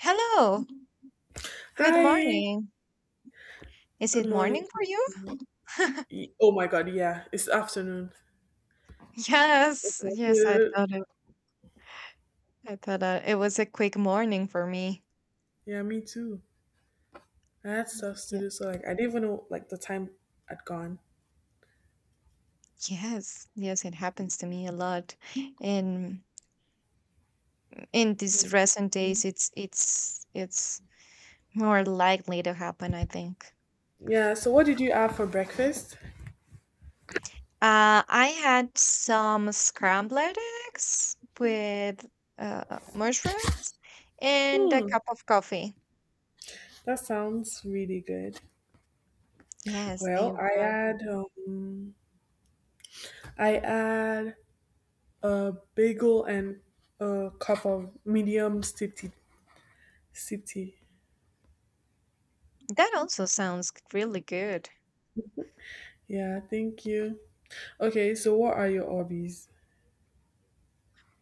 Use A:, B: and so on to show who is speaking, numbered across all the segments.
A: Hello, good
B: Hi,
A: morning. Is
B: good
A: it
B: morning
A: morning
B: to
A: for you?
B: you. Oh my god, yeah, it's afternoon.
A: Yes,
B: Okay.
A: I thought it was a quick morning for me.
B: Yeah, me too. I had stuff to
A: Yeah.
B: do, so like I didn't even know like the time had gone.
A: Yes, it happens to me a lot. And in these
B: That's
A: recent
B: beautiful.
A: days, it's more likely to happen, I think.
B: Yeah, so what did you have for breakfast?
A: I had some scrambled eggs with uh, mushrooms and a
B: Hmm,
A: cup of coffee.
B: that sounds really good.
A: Yes, they
B: Well,
A: were.
B: I had a bagel and a cup of medium sip tea. Sip tea.
A: That also sounds really good.
B: Yeah, thank you. Okay, so what are your hobbies?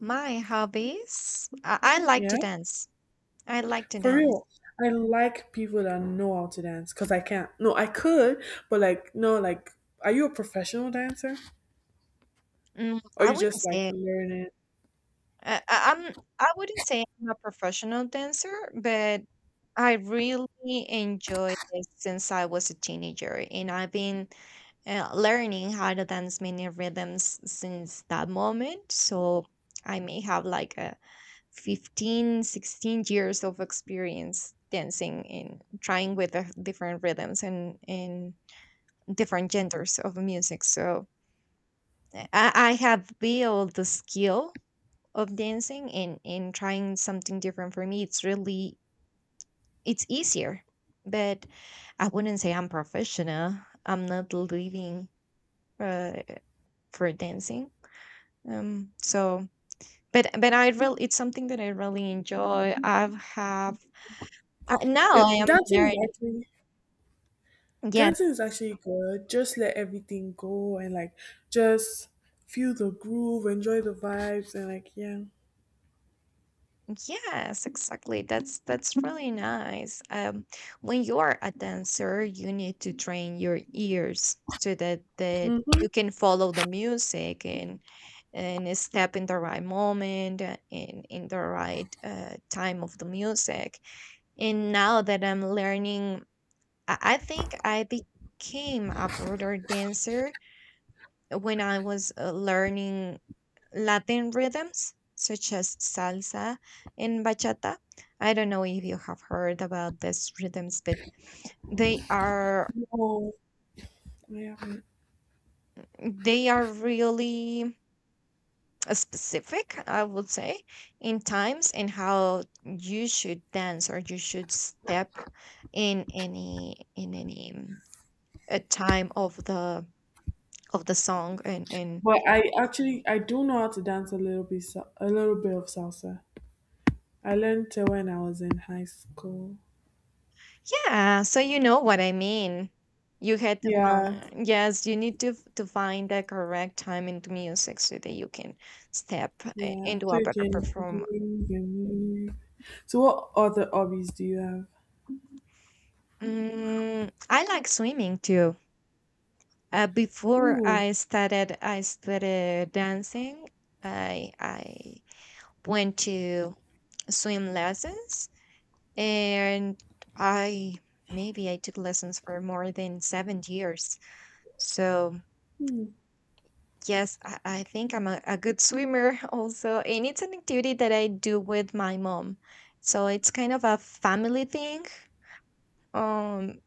A: My hobbies? I like
B: Yeah?
A: to dance. I like to
B: For
A: dance.
B: real. I like people that know how to dance because I can't. No, I could, but like, no, like, are you a professional dancer
A: Mm,
B: or
A: I
B: you
A: wouldn't
B: just like
A: say
B: learning?
A: I- I'm. I wouldn't say I'm a professional dancer, but I really enjoy it since I was a teenager, and I've been learning how to dance many rhythms since that moment. So I may have like a 15, 16 years of experience dancing and trying with the different rhythms and different genders of music. So I have built the skill of dancing and trying something different for me. It's easier. But I wouldn't say I'm professional. I'm not living uh, for dancing. Um so but I really it's something that I really enjoy. I've have Now I
B: It
A: am
B: Dancing is
A: learning.
B: actually dancing is
A: Yes.
B: actually good. Just let everything go and like just feel the groove, enjoy the vibes, and like yeah.
A: Yes, exactly. That's really nice. When you are a dancer, you need to train your ears so that
B: Hmm.
A: you can follow the music and step in the right moment and in the right time of the music. And now that I'm learning, I think I became a broader dancer when I was learning Latin rhythms such as salsa and bachata. I don't know if you have heard about these rhythms, but they are
B: No, I haven't.
A: they are really specific, I would say, in times and how you should dance or you should step in any time of the song and
B: But I actually I do know how to dance a little bit of salsa. I learned it when I was in high school.
A: Yeah, so you know what I mean. You had to
B: Yeah,
A: find, yes, you need to to find the correct time into music so that you can step
B: yeah,
A: into
B: so
A: a
B: you
A: better
B: can
A: performance.
B: groom and move. So what other hobbies do you have?
A: Mm, I like swimming too.
B: Ooh,
A: I started dancing. I went to swim lessons, and I maybe I took lessons for more than 7 years. So yes, I think I'm a good swimmer also. And it's an activity that I do with my mom. So it's kind of a family thing. Um,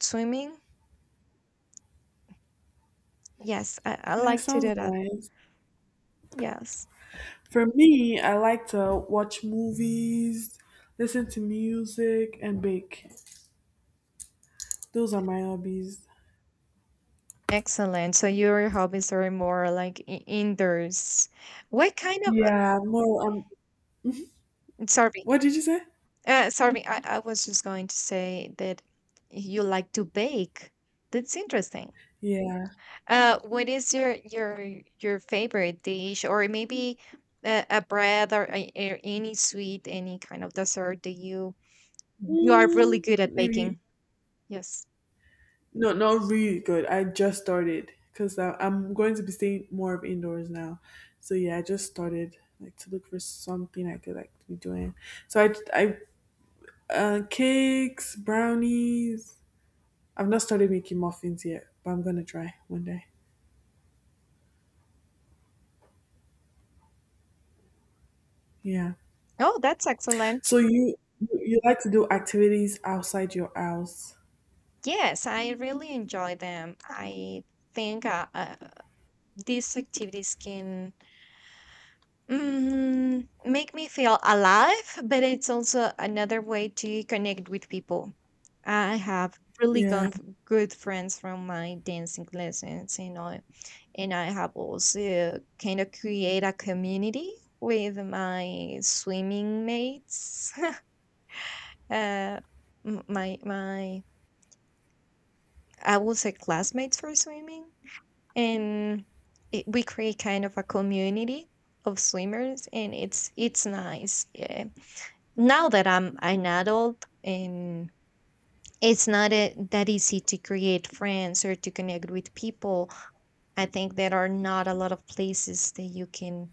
A: Swimming. Yes, I
B: yeah, it
A: like to
B: sounds
A: do that.
B: nice.
A: Yes.
B: For me, I like to watch movies, listen to music, and bake. Those are my hobbies.
A: Excellent. So your hobbies are more like indoors. What kind of,
B: Yeah, more
A: sorry,
B: what did you say?
A: Sorry, I was just going to say that you like to bake. That's interesting.
B: Yeah.
A: What is your your favorite dish, or maybe a bread or any sweet, any kind of dessert that you Mhm. you are really
B: Mm,
A: good at
B: maybe
A: baking? Yes.
B: no, not really good. I just started because I'm going to be staying more of indoors now. So yeah, I just started like to look for something I could like be doing. So I cakes, brownies. I've not started making muffins yet, but I'm gonna try one day. Yeah.
A: Oh, that's excellent.
B: So you like to do activities outside your house?
A: Yes, I really enjoy them. I think these activities can Mm, make me feel alive, but it's also another way to connect with people. I have really
B: Yeah.
A: good friends from my dancing lessons, and I have also kind of create a community with my swimming mates. uh, my I will say classmates for swimming, and it, we create kind of a community of swimmers, and it's nice. Yeah. Now that I'm an adult, it's not that easy to create friends or to connect with people. I think there are not a lot of places that you can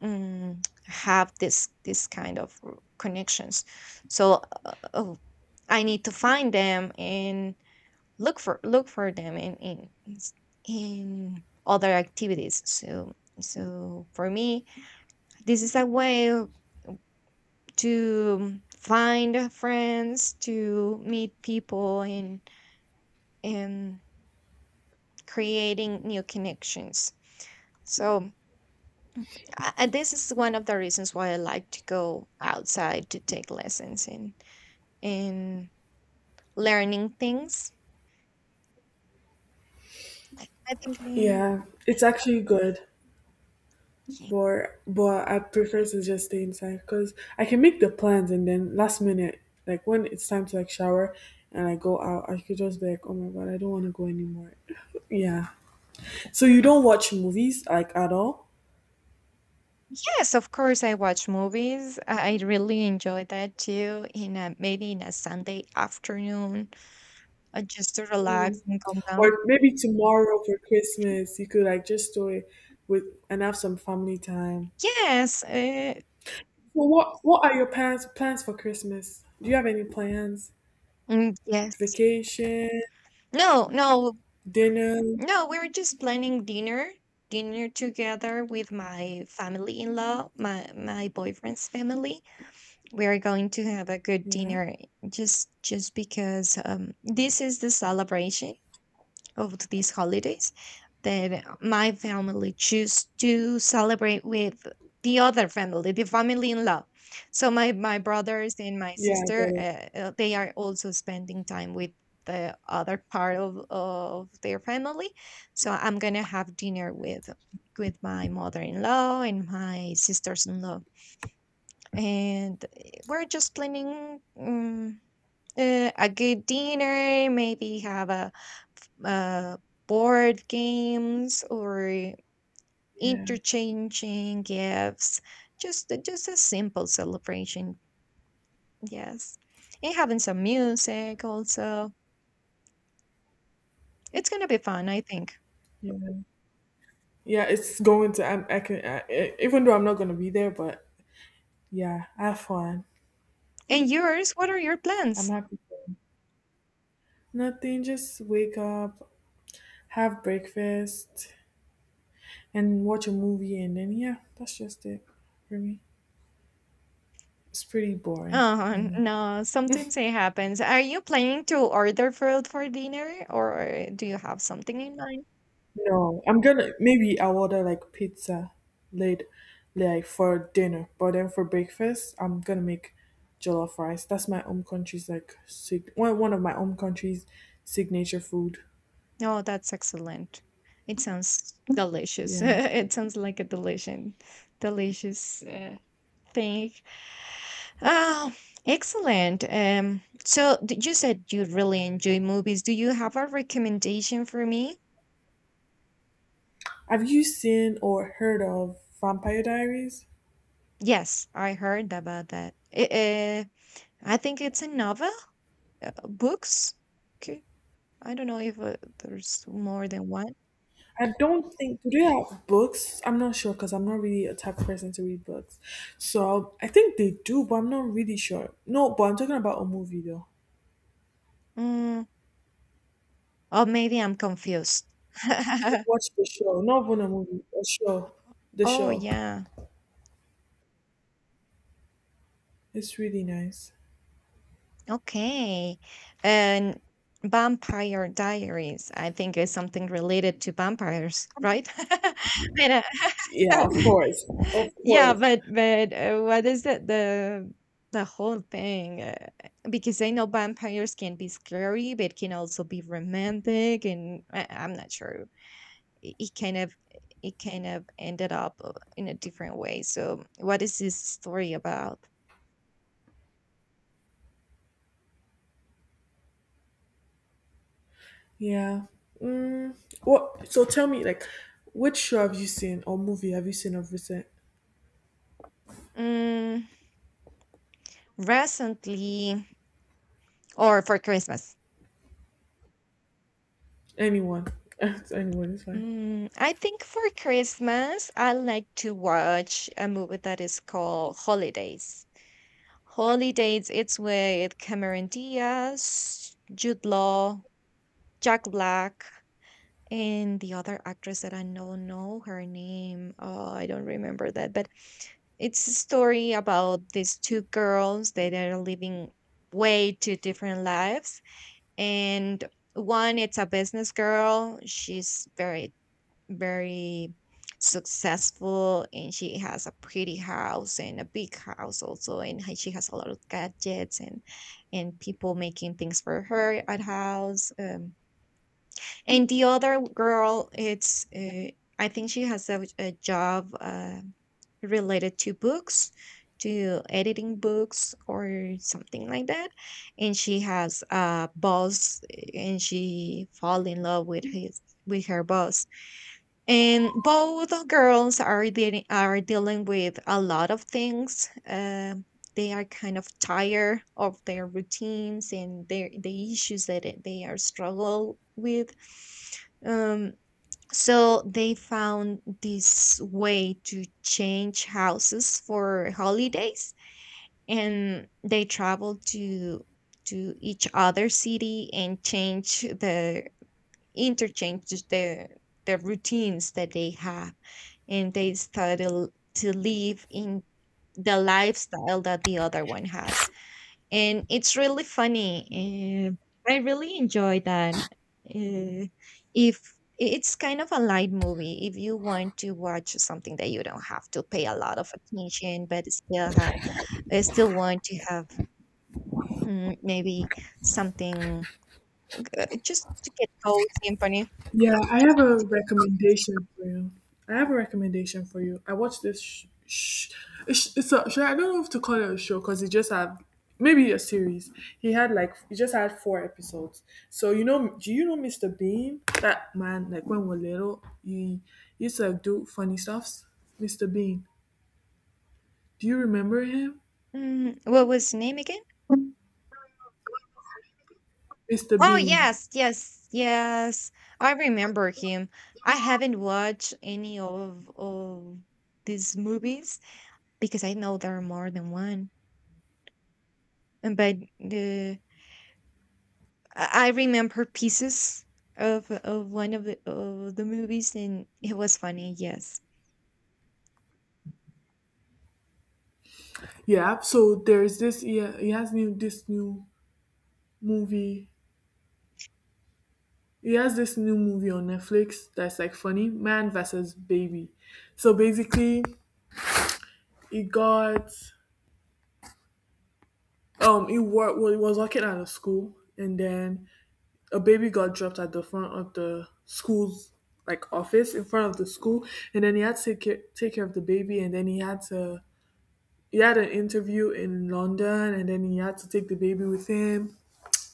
A: have this kind of connections. So uh, oh, I need to find them and look for them s- in other activities. So for me, this is a way to find friends, to meet people and creating new connections. So this is one of the reasons why I like to go outside to take lessons and in learning things. I think mm,
B: Yeah. It's actually good.
A: ye-
B: But I prefer to just stay inside because I can make the plans and then last minute, like when it's time to like shower and I go out, I could just be like, oh my god, I don't want to go anymore. Yeah. So you don't watch movies like at all,
A: Yes, of course I watch movies. I really enjoy that too in a maybe in a Sunday afternoon just to relax and calm down.
B: or maybe tomorrow for Christmas you could like just do it with and have some family time.
A: Yes, uh,
B: So what are your plans for Christmas? Do you have any plans?
A: mm, yes.
B: Vacation,
A: No, no,
B: dinner?
A: no, we were just planning dinner, dinner together with my family in law, my boyfriend's family. We are going to have a good
B: Yeah.
A: dinner just because this is the celebration of these holidays that my family choose to celebrate with the other family, the family in law. So my brothers and my
B: Yeah, I
A: sister,
B: get it.
A: they are also spending time with the other part of their family. So I'm gonna have dinner with my mother-in-law and my sisters-in-law, and we're just planning a good dinner. Maybe have a uh, board games or
B: Yeah.
A: interchanging gifts, just a simple celebration, yes, and having some music also. It's gonna be fun, I think.
B: Yeah. Yeah, it's going to. I can. I, even though I'm not gonna be there, but yeah, have fun.
A: And yours, what are your
B: I'm
A: plans?
B: happy for you. Nothing. Just wake up, have breakfast, and watch a movie, and then yeah, that's just it for me. It's pretty boring. I
A: Oh
B: know.
A: no, sometimes it happens. Are you planning to order food for dinner or do you have something in mind?
B: No, I'm gonna maybe I'll order like pizza late, like for dinner. But then for breakfast, I'm gonna make jollof rice. That's my home country's like one of my home country's signature food.
A: No, that's excellent. It sounds delicious.
B: Yeah.
A: It sounds like a delicious thing. Ah, excellent. You said you really enjoy movies. Do you have a recommendation for me?
B: Have you seen or heard of Vampire Diaries?
A: Yes, I heard about that. I think it's a novel, books. Okay, I don't know if there's more than one.
B: I don't think, do they have books? I'm not sure because I'm not really a type of person to read books. So I think they do, but I'm not really sure. No, but I'm talking about a movie though.
A: Mm, or maybe I'm confused.
B: You should watch the show, not even a movie, a show. The
A: Oh
B: show.
A: yeah.
B: It's really nice.
A: Okay. And Vampire Diaries, I think is something related to vampires, right? But,
B: Yeah,
A: uh,
B: of course, of
A: Yeah,
B: course.
A: but what is it the whole thing? Because I know vampires can be scary, but can also be romantic, and I'm not sure. It, it kind of it kind of ended up in a different way. So, what is this story about?
B: Yeah. Mm, what? So tell me, like, which show have you seen or movie have you seen of recent?
A: Mm, recently, or for Christmas?
B: Anyone? Anyone is fine.
A: Mm, I think for Christmas, I like to watch a movie that is called Holidays. Holly dates its way at Cameron Diaz, Jude Law, Jack Black, and the other actress that I don't know her name. Oh, I don't remember that, but it's a story about these two girls that are living way two different lives. And one, it's a business girl. She's very successful and she has a pretty house and a big house also and she has a lot of gadgets and people making things for her at house, and the other girl it's I think she has a job related to books, to editing books or something like that, and she has a boss and she fall in love with his with her boss, and both girls are dealing with a lot of things. They are kind of tired of their routines and the issues that they are struggle with. Um, so they found this way to change houses for holidays, and they travel to each other city and change the, interchange the routines that they have, and they started to live in the lifestyle that the other one has. And it's really funny. I really enjoy that. Uh, if It's kind of a light movie, if you want to watch something that you don't have to pay a lot of attention, but still have, still want to have maybe something just to get cozy and funny.
B: Yeah, I have a recommendation for you. I have a recommendation for you. I watched this. It's a, should I don't know if to call it a show because it just had maybe a series. He had like he just had four episodes. So you know, do you know Mr. Bean? That man, like when we we're little, he used to like do funny stuffs. Mr. Bean, do you remember him?
A: Mm, what was the name again?
B: Mr.
A: Oh
B: Bean.
A: yes. I remember him. I haven't watched any of these movies because I know there are more than one. And But the I remember pieces of one of the movies, and it was funny. Yes.
B: Yeah. So there's this. Yeah, movie he has this new movie on Netflix that's like funny, Man versus Baby. So basically, he got he worked well, he was working at a school, and then a baby got dropped at the front of the school's like office in front of the school, and then he had to take care of the baby, and then he had an interview in London, and then he had to take the baby with him.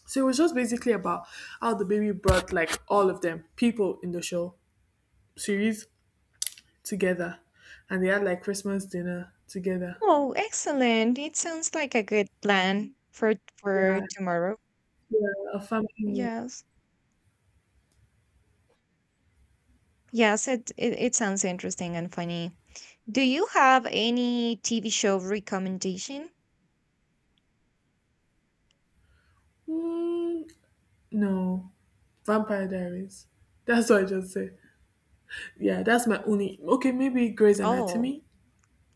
B: So it was just basically about how the baby brought like all of them people in the show series together, and they had like Christmas dinner together.
A: Oh, excellent! It sounds like a good plan
B: Yeah,
A: for tomorrow.
B: yeah, a family meal.
A: Yes, yes. It sounds interesting and funny. Do you have any TV show recommendation?
B: Mm, no, Vampire Diaries. That's what I just said. Yeah, that's my only. Okay, maybe Grey's
A: Oh,
B: Anatomy.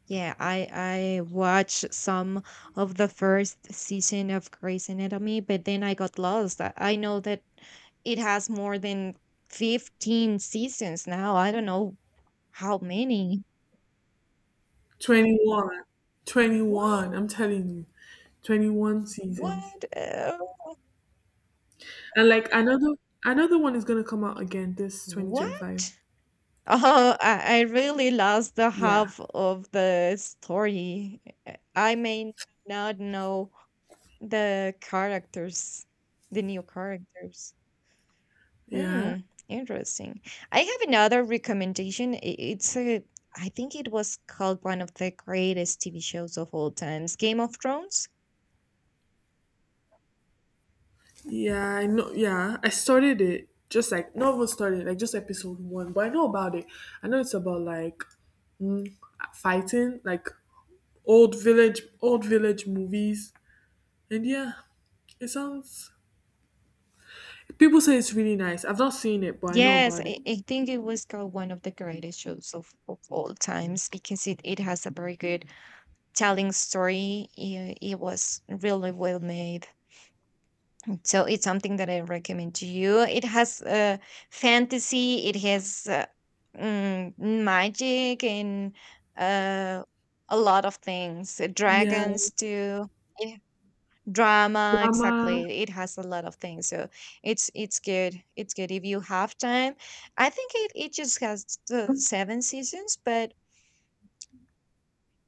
A: yeah, I watched some of the first season of Grey's Anatomy, but then I got lost. I know that it has more than 15 seasons now. I don't know how many.
B: 21. 21.
A: What?
B: I'm telling you. 21 seasons.
A: What?
B: And like another one is going to come out again this 2025.
A: What? Oh, I really lost the
B: Yeah.
A: half of the story. I may not know the characters, the new characters.
B: Yeah.
A: Hmm, interesting. I have another recommendation. I think it was called one of the greatest TV shows of all times, Game of Thrones.
B: Yeah, I know. Yeah, I started it. Just like not even started, like just episode one. But I know about it. I know it's about like mm, fighting, like old village movies, and yeah, it sounds. People say it's really nice. I've not seen it, but I know
A: Yes,
B: about it.
A: I think it was called one of the greatest shows of all times because it has a very good telling story. It was really well made. So it's something that I recommend to you. It has fantasy, it has magic, and uh, a lot of things. Uh,
B: Yeah,
A: Dragons too. Yeah. Drama,
B: drama.
A: exactly. It has a lot of things. So it's good. It's good if you have time. I think it just has the seven seasons, but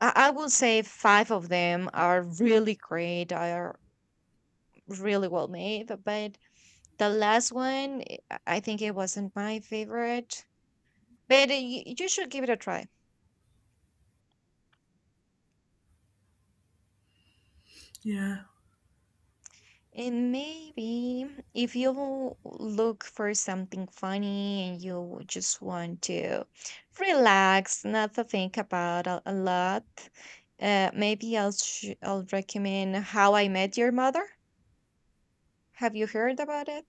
A: I will say five of them are really great. Are really well made, but the last one, I think it wasn't my favorite, but you should give it a try.
B: Yeah.
A: And maybe if you look for something funny and you just want to relax, not to think about a lot, I'll recommend How I Met Your Mother. Have you heard about it?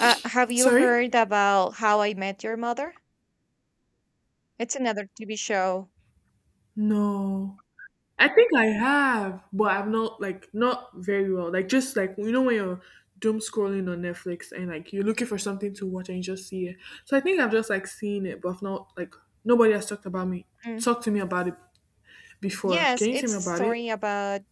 A: Have you
B: Sorry.
A: heard about How I Met Your Mother? It's another TV show.
B: No. I think I have, but I'm not like not very well. Like just like you know when you're doom scrolling on Netflix and like you're looking for something to watch and you just see it. So I think I've just like seen it, but I've not like nobody has talked about me
A: Mm.
B: talked to me about it before.
A: Yes,
B: Can you tell me
A: it's a
B: about it?
A: story about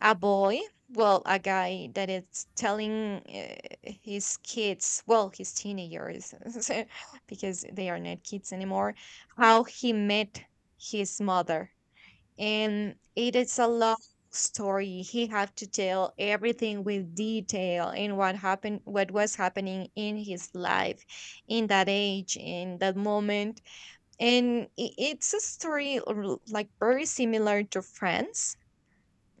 A: a boy? Well, a guy that is telling uh, his kids, well, his teenagers, because they are not kids anymore, how he met his mother. And it is a long story. He had to tell everything with detail and what happened, what was happening in his life in that age, in that moment. And it's a story like very similar to Friends,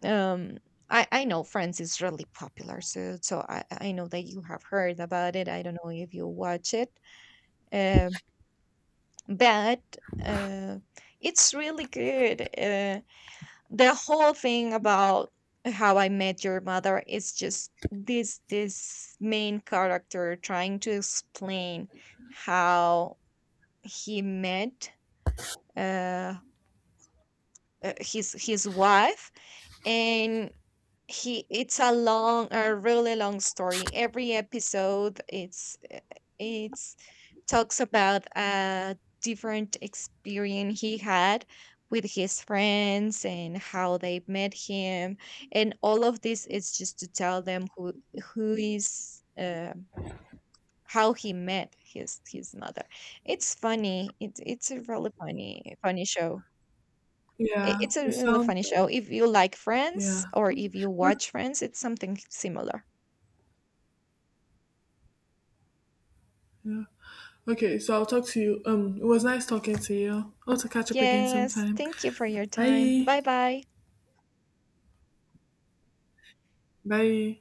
A: um, I know Friends is really popular, so I know that you have heard about it. I don't know if you watch it, um, but uh, it's really good. The whole thing about How I Met Your Mother is just this main character trying to explain how he met uh, his his wife, and he it's a long, a really long story. Every episode it's talks about a different experience he had with his friends and how they met him, and all of this is just to tell them who is how he met his mother. It's funny, it's a really funny show.
B: Yeah,
A: It's a
B: it
A: really
B: sounds
A: funny show.
B: like
A: If you like Friends
B: yeah.
A: or if you
B: Okay,
A: watch Friends, it's something similar.
B: yeah. Okay, so I'll talk to you. It was nice talking to you. I'll have to catch up again
A: Yes,
B: sometime.
A: thank you for your time.
B: Bye.
A: Bye bye.
B: Bye.